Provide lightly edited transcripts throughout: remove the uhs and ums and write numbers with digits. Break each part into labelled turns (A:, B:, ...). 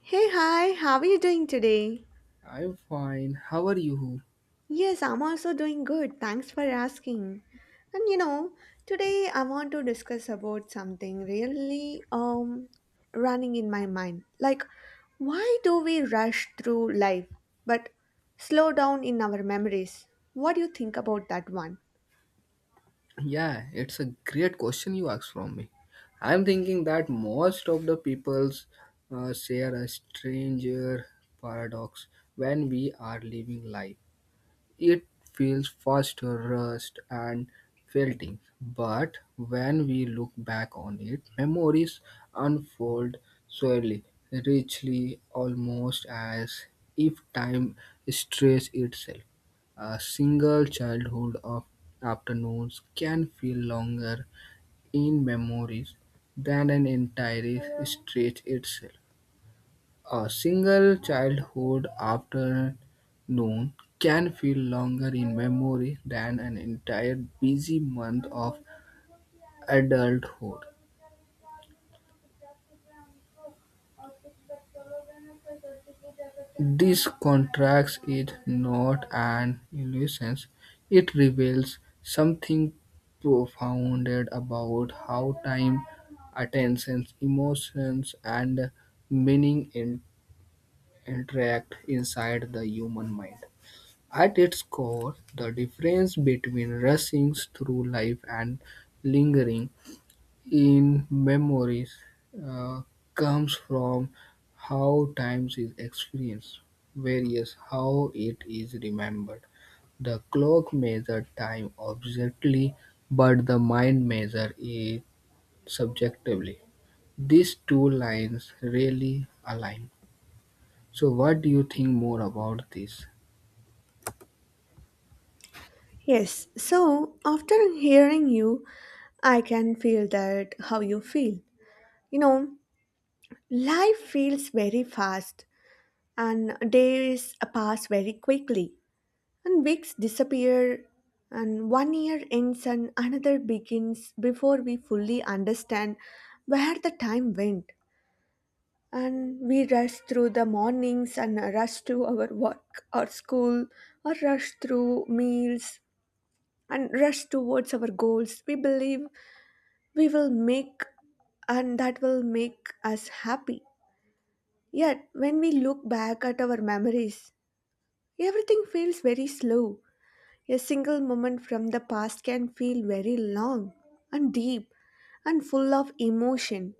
A: Hey, hi, how are you doing today?
B: I'm fine. How are you?
A: Yes, I'm also doing good. Thanks for asking. And you know, today I want to discuss about something really running in my mind. Like, why do we rush through life but slow down in our memories? What do you think about that one?
B: Yeah, it's a great question you asked from me. I'm thinking that most of the peoples share a stranger paradox when we are living life. It feels faster, rust, and felting. But when we look back on it, memories unfold slowly, richly, almost as if time stretched itself. A single childhood of afternoons can feel longer in memories than an entire stretch itself. A single childhood afternoon can feel longer in memory than an entire busy month of adulthood. This contrast is not an illusion, it reveals something profound about how time, attention, emotions, and meaning interact inside the human mind. At its core, the difference between rushing through life and lingering in memories uh, comes from how time is experienced, various how it is remembered. The clock measures time objectively, but the mind measures it subjectively. These two lines really align. So, what do you think more about this?
A: Yes, so after hearing you, I can feel that how you feel. You know, life feels very fast and days pass very quickly and weeks disappear and one year ends and another begins before we fully understand where the time went, and we rush through the mornings and rush to our work or school or rush through meals and rush towards our goals we believe we will make and that will make us happy, yet when we look back at our memories, everything feels very slow. A single moment from the past can feel very long and deep and full of emotion,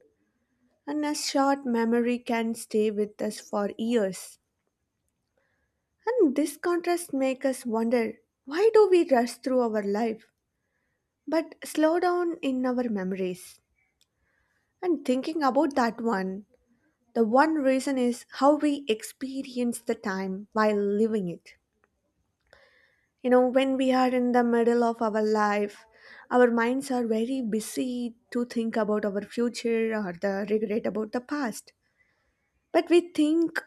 A: and a short memory can stay with us for years. And this contrast makes us wonder, why do we rush through our life but slow down in our memories? And thinking about that one, the one reason is how we experience the time while living it. You know, when we are in the middle of our life, our minds are very busy to think about our future or the regret about the past, but we think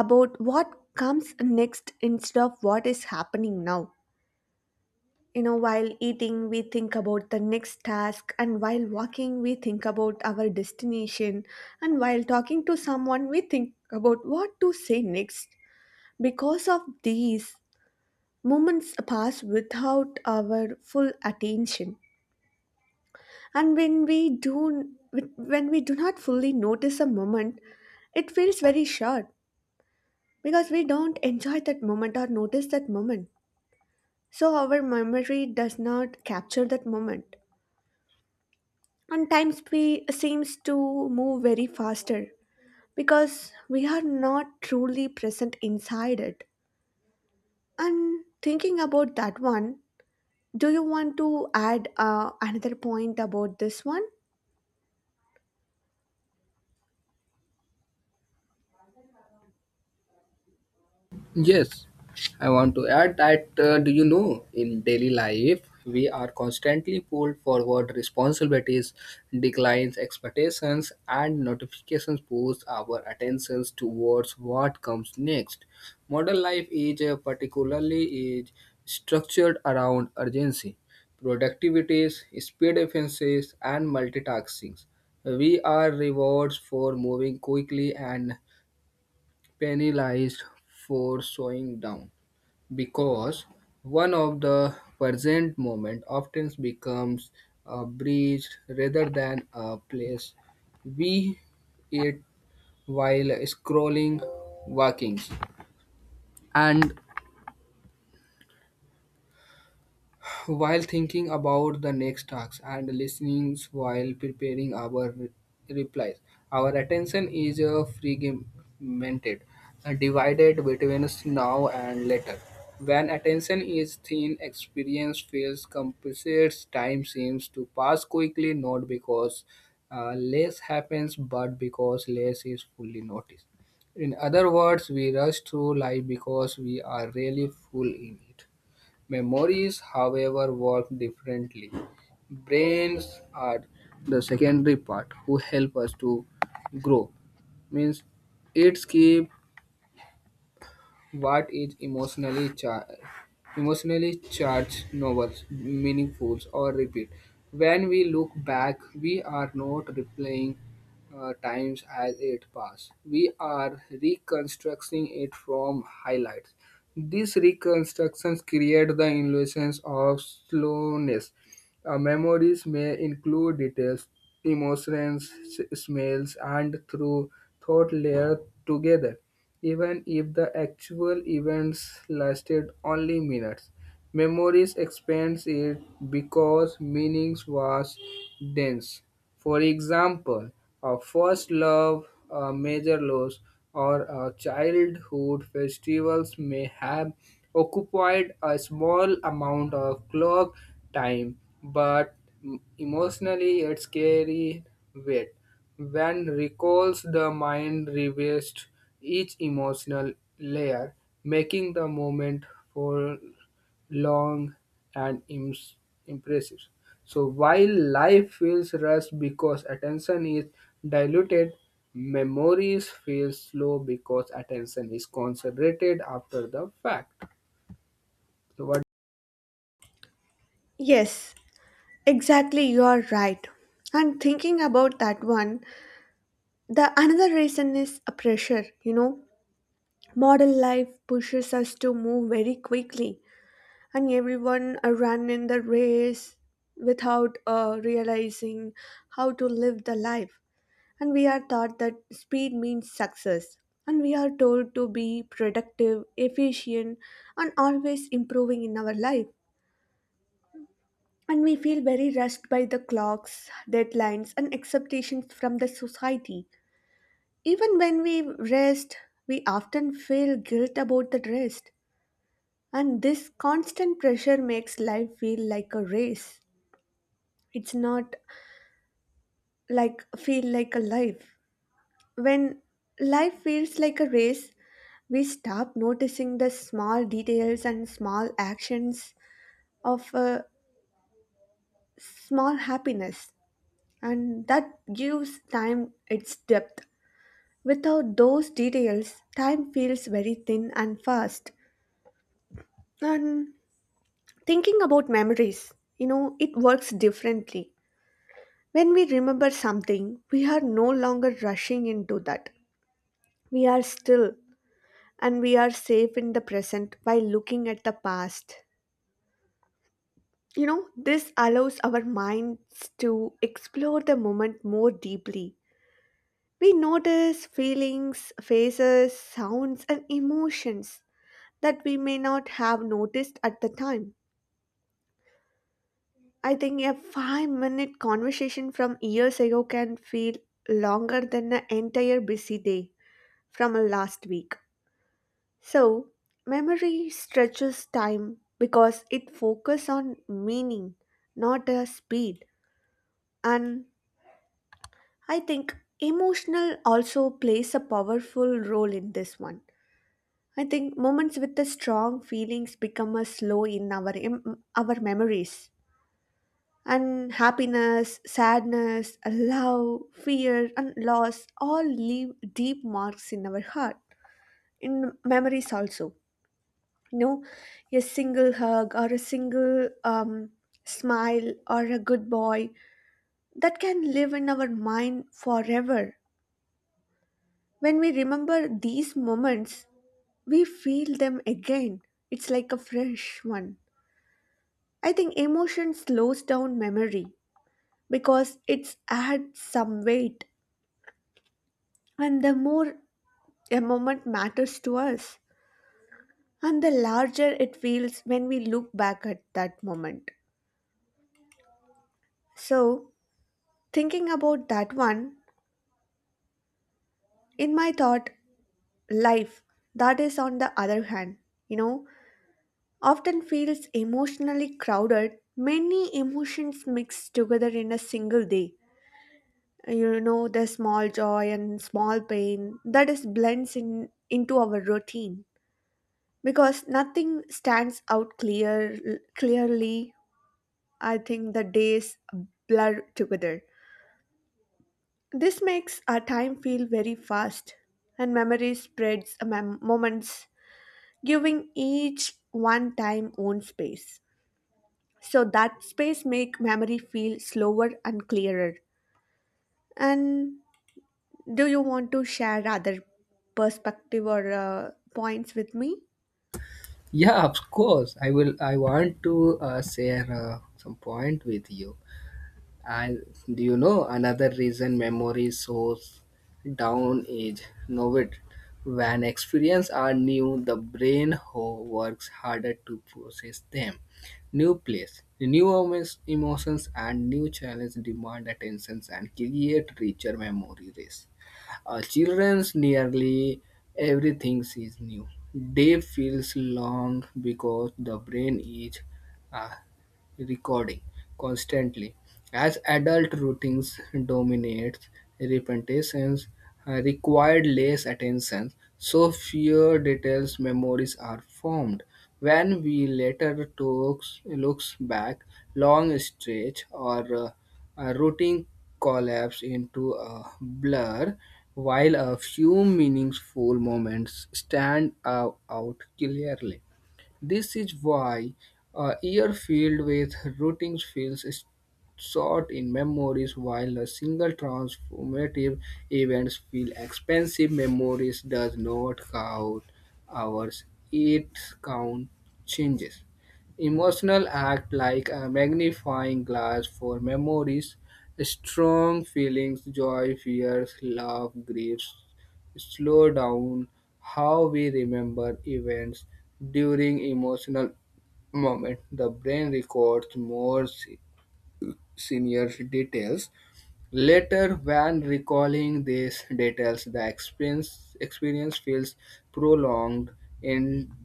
A: about what comes next instead of what is happening now. You know, while eating we think about the next task, and while walking we think about our destination, and while talking to someone we think about what to say next. Because of these, moments pass without our full attention, and when we do not fully notice a moment, it feels very short because we don't enjoy that moment or notice that moment, so our memory does not capture that moment, and seems to move very faster because we are not truly present inside it. And thinking about that one, do you want to add another point about this one?
B: Yes, I want to add that do you know in daily life we are constantly pulled forward responsibilities, declines, expectations, and notifications push our attentions towards what comes next. Modern life is particularly is structured around urgency, productivities, speed efficiencies, and multitasking. We are rewards for moving quickly and penalized for slowing down because one of the present moment often becomes a breeze rather than a place we eat while scrolling, walking, and while thinking about the next task and listening while preparing our replies. Our attention is fragmented, divided between now and later. When attention is thin, experience feels compressed. Time seems to pass quickly, not because less happens, but because less is fully noticed. In other words, we rush through life because we are really full in it. Memories, however, work differently. Brains are the secondary part who help us to grow. Means it keep. What is emotionally charged? Emotionally charged novels, meaningful or repeat. When we look back, we are not replaying times as it passed. We are reconstructing it from highlights. These reconstructions create the illusions of slowness. Memories may include details, emotions, smells, and through thought layered together even if the actual events lasted only minutes. Memories expands it because meanings was dense. For example, a first love, a major loss, or a childhood festivals may have occupied a small amount of clock time, but emotionally it's carried weight. When recalls the mind revests each emotional layer, making the moment full long and impressive. So while life feels rushed because attention is diluted, memories feel slow because attention is concentrated after the fact. So what?
A: Yes, exactly, you are right. And thinking about that one, the another reason is a pressure, you know. Model life pushes us to move very quickly, and everyone run in the race without realizing how to live the life. And we are taught that speed means success, and we are told to be productive, efficient, and always improving in our life. And we feel very rushed by the clocks, deadlines, and expectations from the society. Even when we rest, we often feel guilt about the rest, and this constant pressure makes life feel like a race. It's not like feel like a life. When life feels like a race, we stop noticing the small details and small actions of a small happiness, and that gives time its depth. Without those details, time feels very thin and fast. And thinking about memories, you know, it works differently. When we remember something, we are no longer rushing into that. We are still, and we are safe in the present by looking at the past. You know, this allows our minds to explore the moment more deeply. We notice feelings, faces, sounds, and emotions that we may not have noticed at the time. I think a 5 minute conversation from years ago can feel longer than an entire busy day from a last week. So, memory stretches time because it focuses on meaning, not a speed. And I think emotional also plays a powerful role in this one. I think moments with the strong feelings become a slow in our memories. And happiness, sadness, love, fear, and loss all leave deep marks in our heart, in memories also. You know, a single hug or a single smile or a good boy that can live in our mind forever. When we remember these moments, we feel them again. It's like a fresh one. I think emotion slows down memory because it's adds some weight. And the more a moment matters to us, and the larger it feels when we look back at that moment. So, thinking about that one, in my thought, life, that is on the other hand, you know, often feels emotionally crowded, many emotions mixed together in a single day. You know, the small joy and small pain that is blends in into our routine because nothing stands out clearly. I think the days blur together. This makes our time feel very fast, and memory spreads among moments, giving each one time own space. So that space make memory feel slower and clearer. And do you want to share other perspective or points with me?
B: Yeah, of course. I will. I want to share some point with you. And do you know another reason memory slows down is novelty. When experiences are new, the brain works harder to process them. New place, new emotions, and new challenge demand attentions and create richer memory race. Children's nearly everything is new. Day feels long because the brain is uh, recording constantly. As adult routines dominates, repetitions required less attention, so fewer details memories are formed. When we later talks, looks back, long stretch or uh, a routine collapse into a blur, while a few meaningful moments stand out clearly. This is why a year filled with routines feels short in memories, while a single transformative event feels expensive. Memories does not count hours; it count changes. Emotional act like a magnifying glass for memories, strong feelings, joy, fears, love, griefs. Slow down how we remember events. During emotional moment, the brain records more senior details. Later, when recalling these details, the experience feels prolonged, interlating.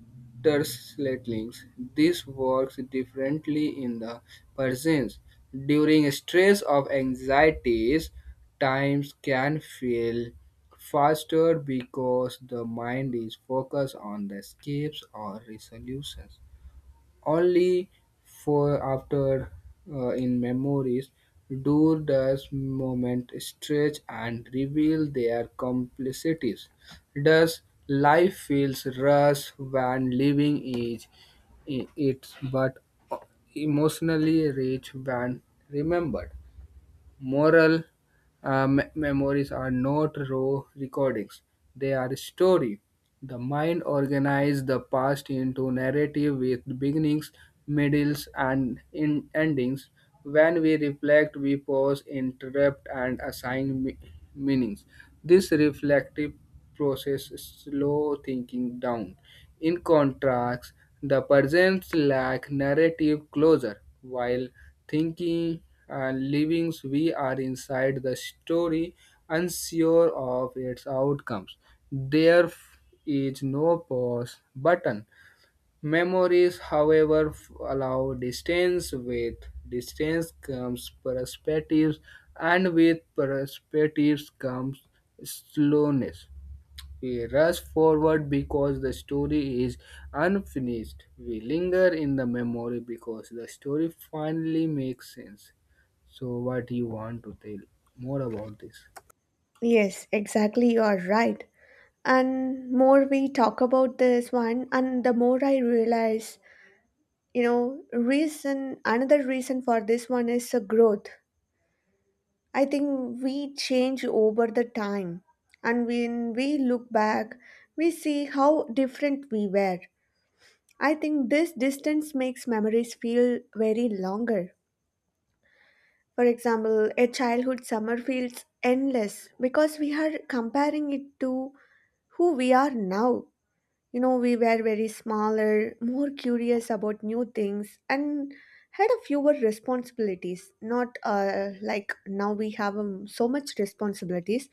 B: This works differently in the persons. During stress of anxieties, times can feel faster because the mind is focused on the escapes or resolutions. Only for after in memories do those moments stretch and reveal their complexities. Thus, life feels rushed when living is it, but emotionally rich when remembered. Moral memories are not raw recordings, they are a story. The mind organizes the past into narrative with beginnings, middles, and endings. When we reflect, we pause, interrupt, and assign meanings. This reflective process slows thinking down in contrast, the presents lack narrative closure. While thinking and living, we are inside the story, unsure of its outcomes. There is no pause button. Memories, however, allow distance. With distance comes perspectives, and with perspectives comes slowness. We rush forward because the story is unfinished. We linger in the memory because the story finally makes sense. So, what you want to tell more about this?
A: Yes, exactly. You are right. And more we talk about this one, and the more I realize, you know, reason another reason for this one is a growth. I think we change over the time, and when we look back we see how different we were. I think this distance makes memories feel very longer. For example, a childhood summer feels endless because we are comparing it to who we are now. You know, we were very smaller, more curious about new things, and had a fewer responsibilities. Not like now we have so much responsibilities,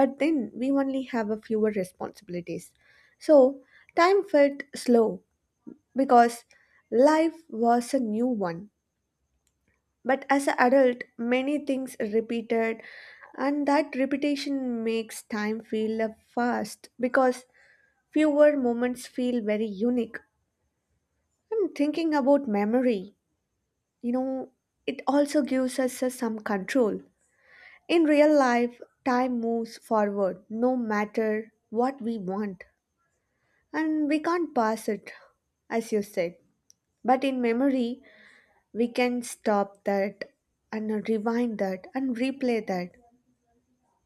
A: but then we only have a fewer responsibilities. So time felt slow because life was a new one. But as an adult, many things repeated, and that repetition makes time feel fast because fewer moments feel very unique. And thinking about memory, you know, it also gives us some control. In real life, time moves forward no matter what we want, and we can't pass it, as you said. But in memory, we can stop that and rewind that and replay that.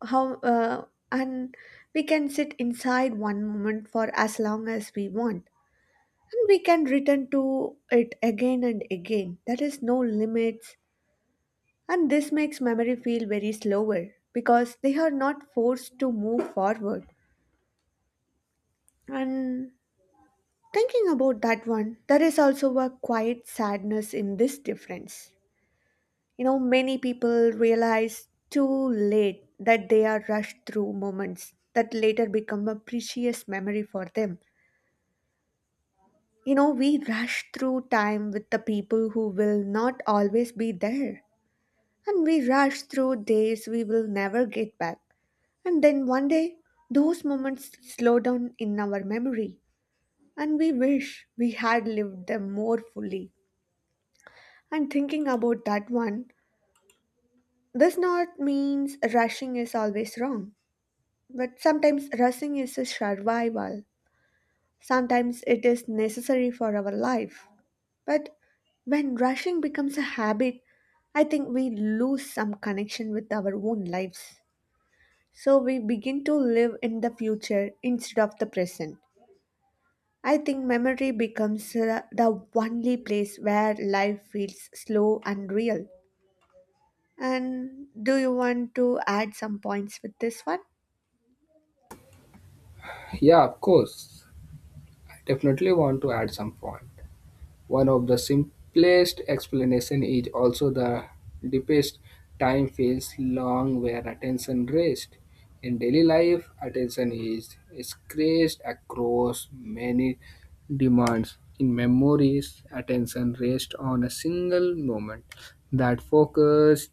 A: How and we can sit inside one moment for as long as we want, and we can return to it again and again. There is no limits. And this makes memory feel very slower because they are not forced to move forward. And thinking about that one, there is also a quiet sadness in this difference. You know, many people realize too late that they are rushed through moments that later become a precious memory for them. You know, we rush through time with the people who will not always be there. And we rush through days we will never get back. And then one day, those moments slow down in our memory, and we wish we had lived them more fully. And thinking about that one, this not means rushing is always wrong, but sometimes rushing is a survival. Sometimes it is necessary for our life. But when rushing becomes a habit, I think we lose some connection with our own lives. So we begin to live in the future instead of the present. I think memory becomes the only place where life feels slow and real. And do you want to add some points with this one?
B: Yeah, of course. I definitely want to add some point. One of the simplest explanation is also the deepest time feels long where attention rests. In daily life, attention is scratched across many demands. In memories, attention rests on a single moment. That focus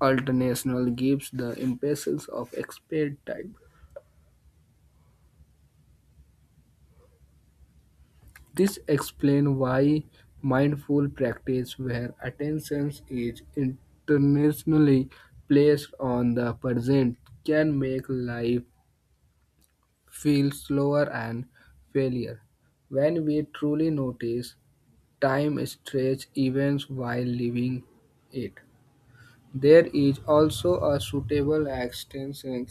B: alternational gives the impressions of expert time. This explains why mindful practice, where attention is intentionally placed on the present, can make life feel slower and failure. When we truly notice time stretch events while living it, there is also a suitable extension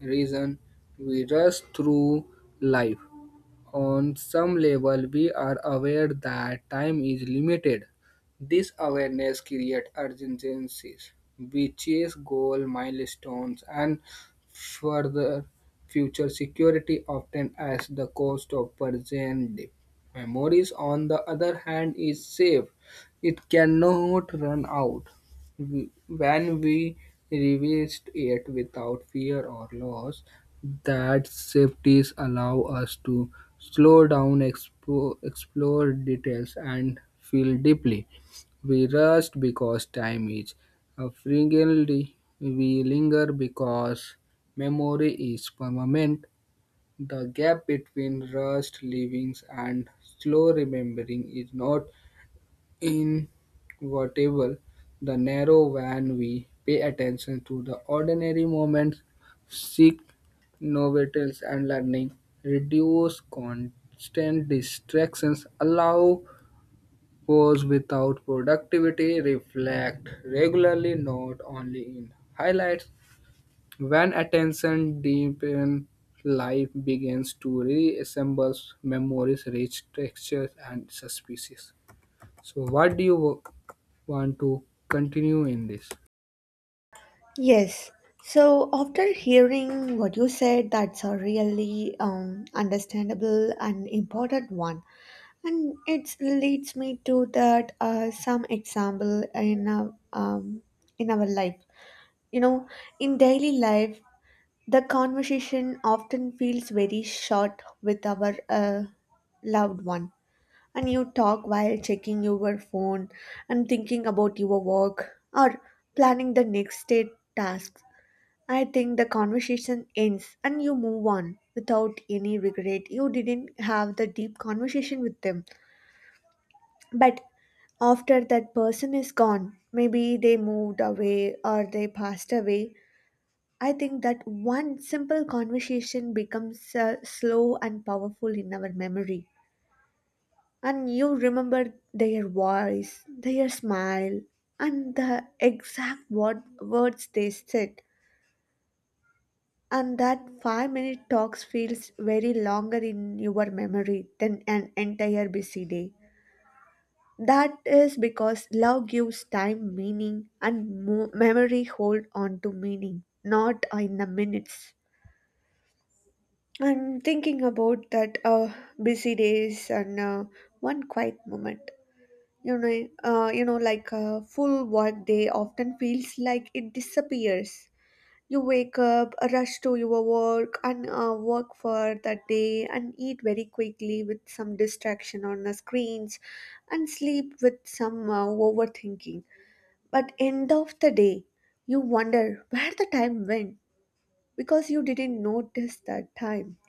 B: reason we rush through life. On some level, we are aware that time is limited. This awareness creates urgencies. We chase goal milestones and further future security often at the cost of present day. Memories, on the other hand, is safe. It cannot run out. When we revisit it without fear or loss, that safeties allow us to slow down, explore details, and feel deeply. We rush because time is frequently. We linger because memory is permanent. The gap between rushed livings and slow remembering is not inevitable, the narrow when we pay attention to the ordinary moments, seek novelties and learning, reduce constant distractions, allow pause without productivity, reflect regularly, not only in highlights. When attention deepens, life begins to reassemble memories, rich textures, and suspicious. So, what do you want to continue in this?
A: Yes. So after hearing what you said, that's a really understandable and important one. And it leads me to that some example in our in our life. You know, in daily life, the conversation often feels very short with our loved one, and you talk while checking your phone and thinking about your work or planning the next day tasks. I think the conversation ends and you move on without any regret. You didn't have the deep conversation with them, but after that person is gone, maybe they moved away or they passed away. I think that one simple conversation becomes slow and powerful in our memory. And you remember their voice, their smile, and the words they said. And that 5 minute talks feels very longer in your memory than an entire busy day. That is because love gives time meaning and memory hold on to meaning, not in the minutes. I'm thinking about that busy days and one quiet moment. You know, like a full work day often feels like it disappears. You wake up, rush to your work, and work for that day, and eat very quickly with some distraction on the screens, and sleep with some overthinking. But end of the day, you wonder where the time went because you didn't notice that time.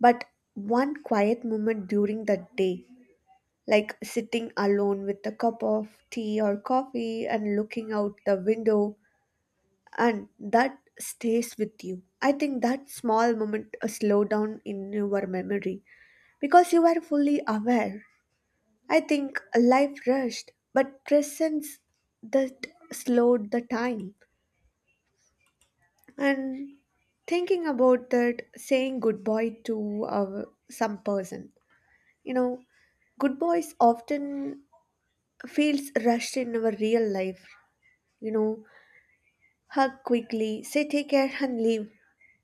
A: But one quiet moment during the day, like sitting alone with a cup of tea or coffee and looking out the window, and that stays with you. I think that small moment slow down in your memory because you are fully aware. I think life rushed, but presence that slowed the time. And thinking about that, saying goodbye to some person. You know, good boys often feels rushed in our real life. You know, hug quickly, say take care and leave.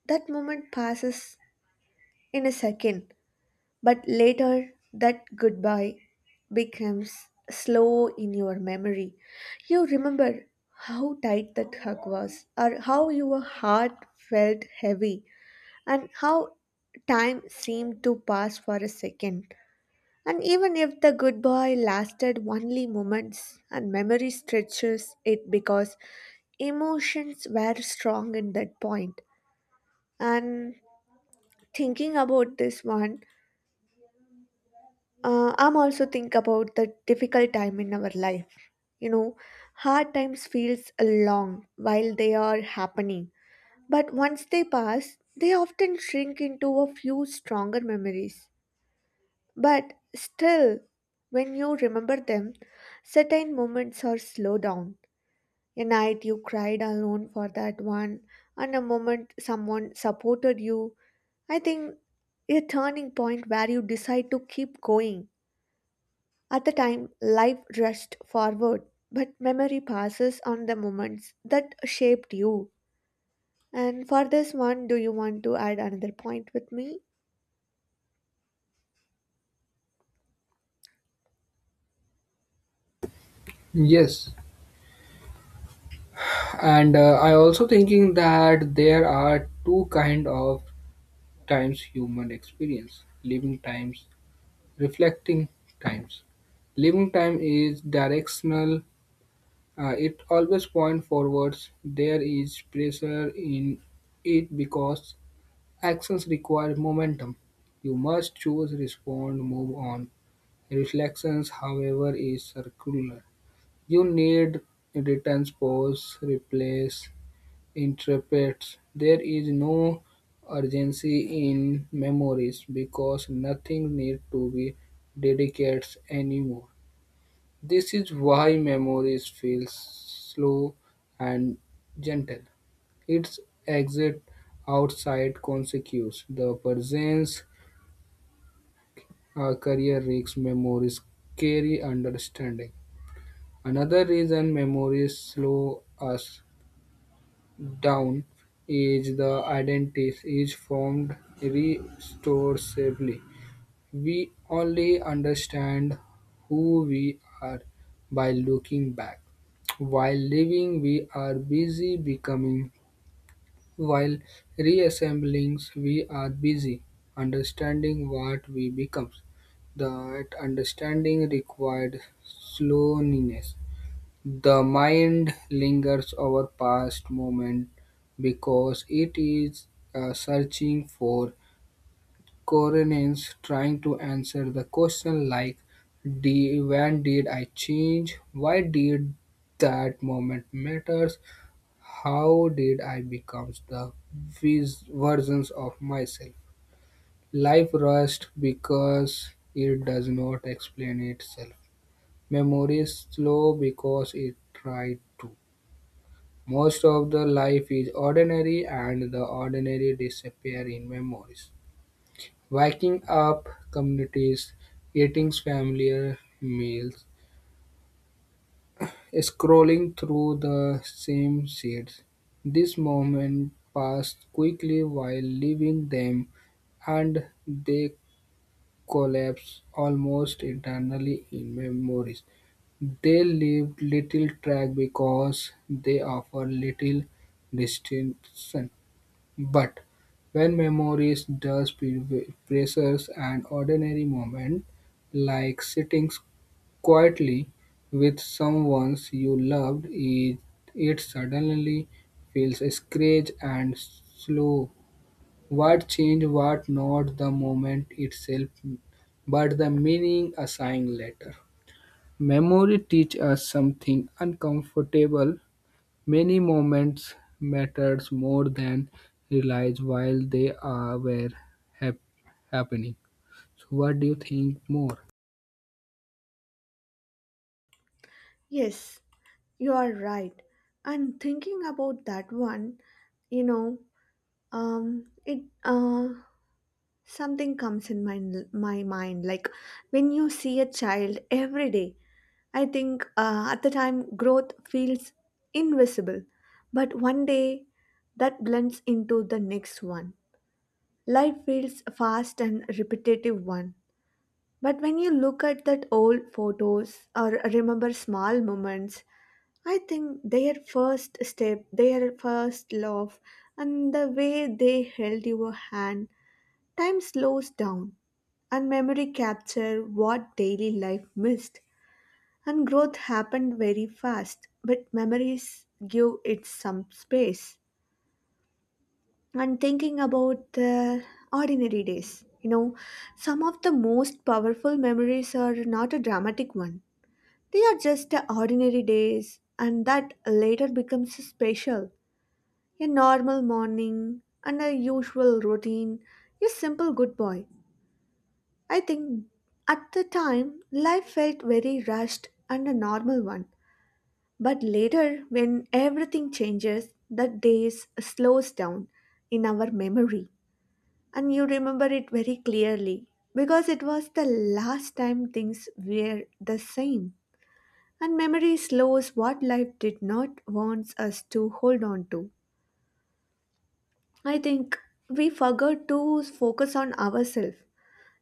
A: That moment passes in a second, but later that goodbye becomes slow in your memory. You remember how tight that hug was, or how your heart felt heavy, and how time seemed to pass for a second. And even if the good boy lasted only moments, and memory stretches it because emotions were strong in that point. And thinking about this one, I'm also think about the difficult time in our life. You know, hard times feels long while they are happening, but once they pass, they often shrink into a few stronger memories. But still, when you remember them, certain moments are slow down. A night you cried alone for that one, and a moment someone supported you. I think a turning point where you decide to keep going. At the time, life rushed forward, but memory passes on the moments that shaped you. And for this one, do you want to add another point with me?
B: Yes, and I also thinking that there are two kind of times human experience: living times, reflecting times. Living time is directional; it always point forwards. There is pressure in it because actions require momentum. You must choose, respond, move on. Reflections, however, is circular. You need returns, pause, replace, interpret. There is no urgency in memories because nothing needs to be dedicated anymore. This is why memories feel slow and gentle. Its exit outside consequences, the presence career risks memories carry understanding. Another reason memories slow us down is the identity is formed recursively. We only understand who we are by looking back. While living, we are busy becoming. While reassembling, we are busy understanding what we become. That understanding required slowness the mind lingers over past moment because it is searching for coherence, trying to answer the question like, When did I change? Why did that moment matters? How did I become the versions of myself? Life rushed because it does not explain itself. Memory is slow because it tried to. Most of the life is ordinary and the ordinary disappear in memories. Waking up communities, eating familiar meals, scrolling through the same sheets. This moment passed quickly while leaving them and they collapse almost internally in memories. They leave little track because they offer little distinction. But when memory does possess an ordinary moment, like sitting quietly with someone you loved, it suddenly feels scratched and slow. What changed, what not the moment itself, but the meaning assigned later. Memory teaches us something uncomfortable. Many moments mattered more than realized while they are were hap- happening. So what do you think more?
A: Yes, you are right. And thinking about that one, you know, it something comes in my mind. Like when you see a child every day, I think at the time growth feels invisible, but one day that blends into the next one. Life feels fast and repetitive one. But when you look at that old photos or remember small moments, I think their first step, their first love, and the way they held your hand, time slows down, and memory capture what daily life missed, and growth happened very fast, but memories give it some space. And thinking about the ordinary days, you know, some of the most powerful memories are not a dramatic one. They are just the ordinary days, and that later becomes special. A normal morning and a usual routine. A simple good boy. I think at the time life felt very rushed and a normal one. But later, when everything changes, that days slows down in our memory. And you remember it very clearly because it was the last time things were the same. And memory slows what life did not want us to hold on to. I think we forgot to focus on ourselves.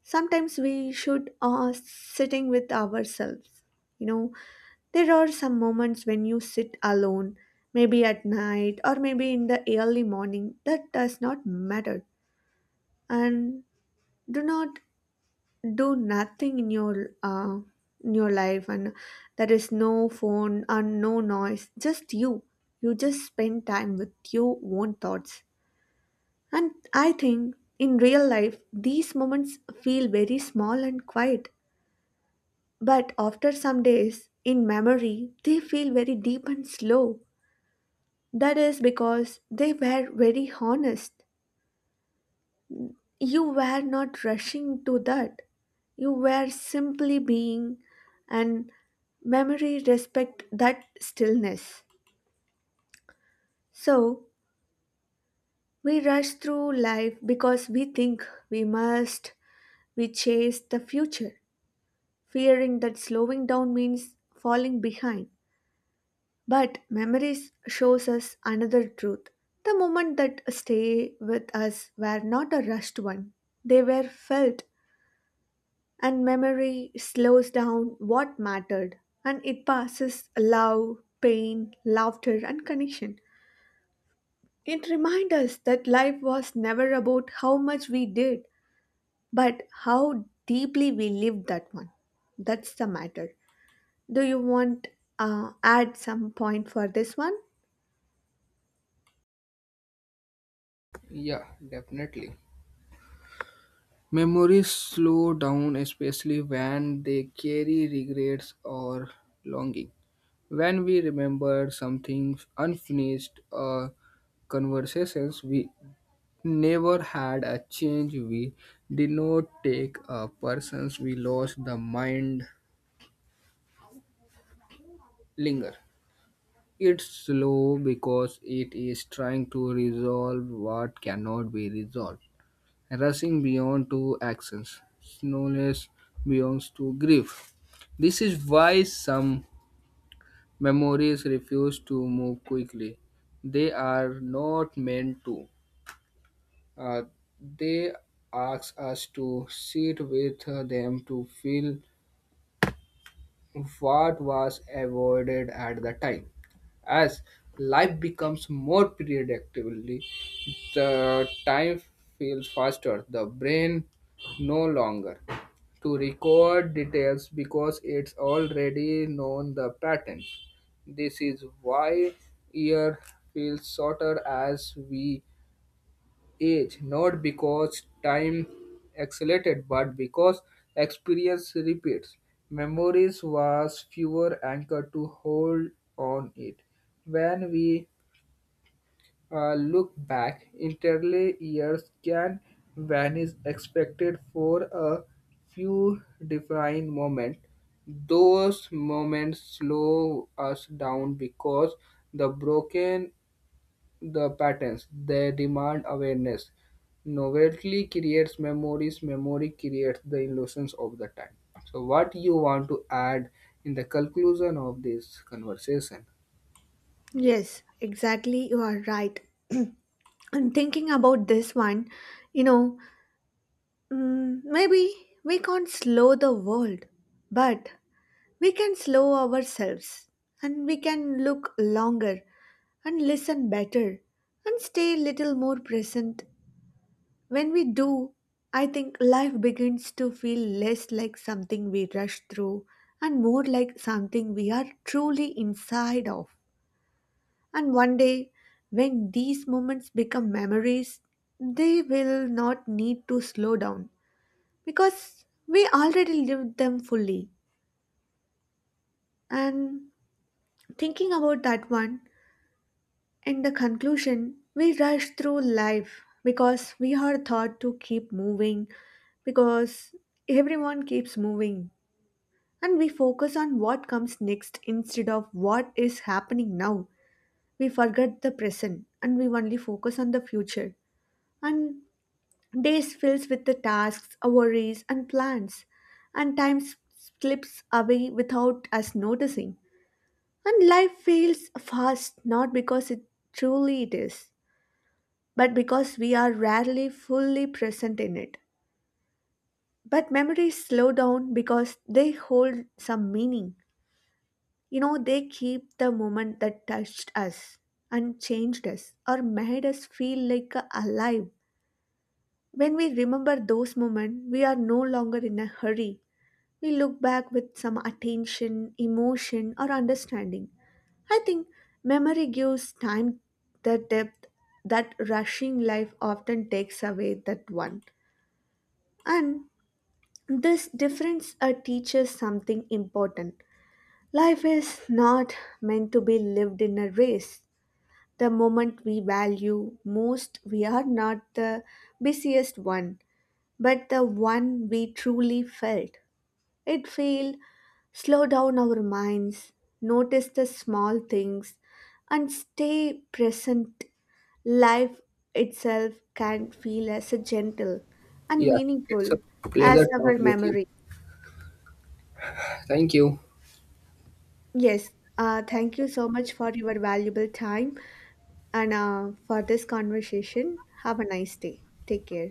A: Sometimes we should sitting with ourselves. You know, there are some moments when you sit alone, maybe at night or maybe in the early morning. That does not matter, and do not do nothing in your in your life, and there is no phone and no noise. Just you. You just spend time with your own thoughts. And I think in real life, these moments feel very small and quiet. But after some days, in memory, they feel very deep and slow. That is because they were very honest. You were not rushing to that. You were simply being, and memory respect that stillness. So we rush through life because we think we must, we chase the future, fearing that slowing down means falling behind. But memories shows us another truth. The moments that stay with us were not a rushed one. They were felt, and memory slows down what mattered, and it passes love, pain, laughter and connection. It reminds us that life was never about how much we did, but how deeply we lived that one. That's the matter. Do you want add some point for this one?
B: Yeah, definitely. Memories slow down, especially when they carry regrets or longing. When we remember something unfinished or conversations we never had a change we did not take a persons we lost the mind linger. It's slow because it is trying to resolve what cannot be resolved, rushing beyond to actions, slowness beyond to grief. This is why some memories refuse to move quickly. They are not meant to. Uh, they ask us to sit with them to feel what was avoided at the time. As life becomes more predictably. The time feels faster. The brain no longer to record details because it's already known the patterns. This is why year feels shorter as we age, not because time accelerated, but because experience repeats. Memories was fewer anchor to hold on it. When we look back, entirely years can vanish expected for a few defined moments. Those moments slow us down because the broken the patterns they demand awareness. Novelty creates memories, memory creates the illusions of the time. So what you want to add in the conclusion of this conversation?
A: Yes, exactly. You are right. I'm thinking about this one. You know, mm, maybe we can't slow the world, but we can slow ourselves, and we can look longer, and listen better, and stay little more present. When we do, I think life begins to feel less like something we rush through and more like something we are truly inside of. And one day, when these moments become memories, they will not need to slow down because we already lived them fully. And thinking about that one, in the conclusion, we rush through life because we are taught to keep moving, because everyone keeps moving, and we focus on what comes next instead of what is happening now. We forget the present and we only focus on the future. And days fills with the tasks, worries, and plans, and slips away without us noticing. And life feels fast not because it truly it is, but because we are rarely fully present in it. But memories slow down because they hold some meaning. You know, they keep the moment that touched us and changed us or made us feel like alive. When we remember those moments, we are no longer in a hurry. We look back with some attention, emotion, or understanding. I think memory gives time the depth that rushing life often takes away that one. And this difference teaches something important. Life is not meant to be lived in a race. The moment we value most, we are not the busiest one, but the one we truly felt. It feel slow down our minds, notice the small things, and stay present. Life itself can feel as a gentle and
B: Yeah, it's
A: meaningful
B: a pleasure
A: as our
B: talking with you.
A: memory.
B: Thank you.
A: Yes, thank you so much for your valuable time and for this conversation. Have a nice day. Take care.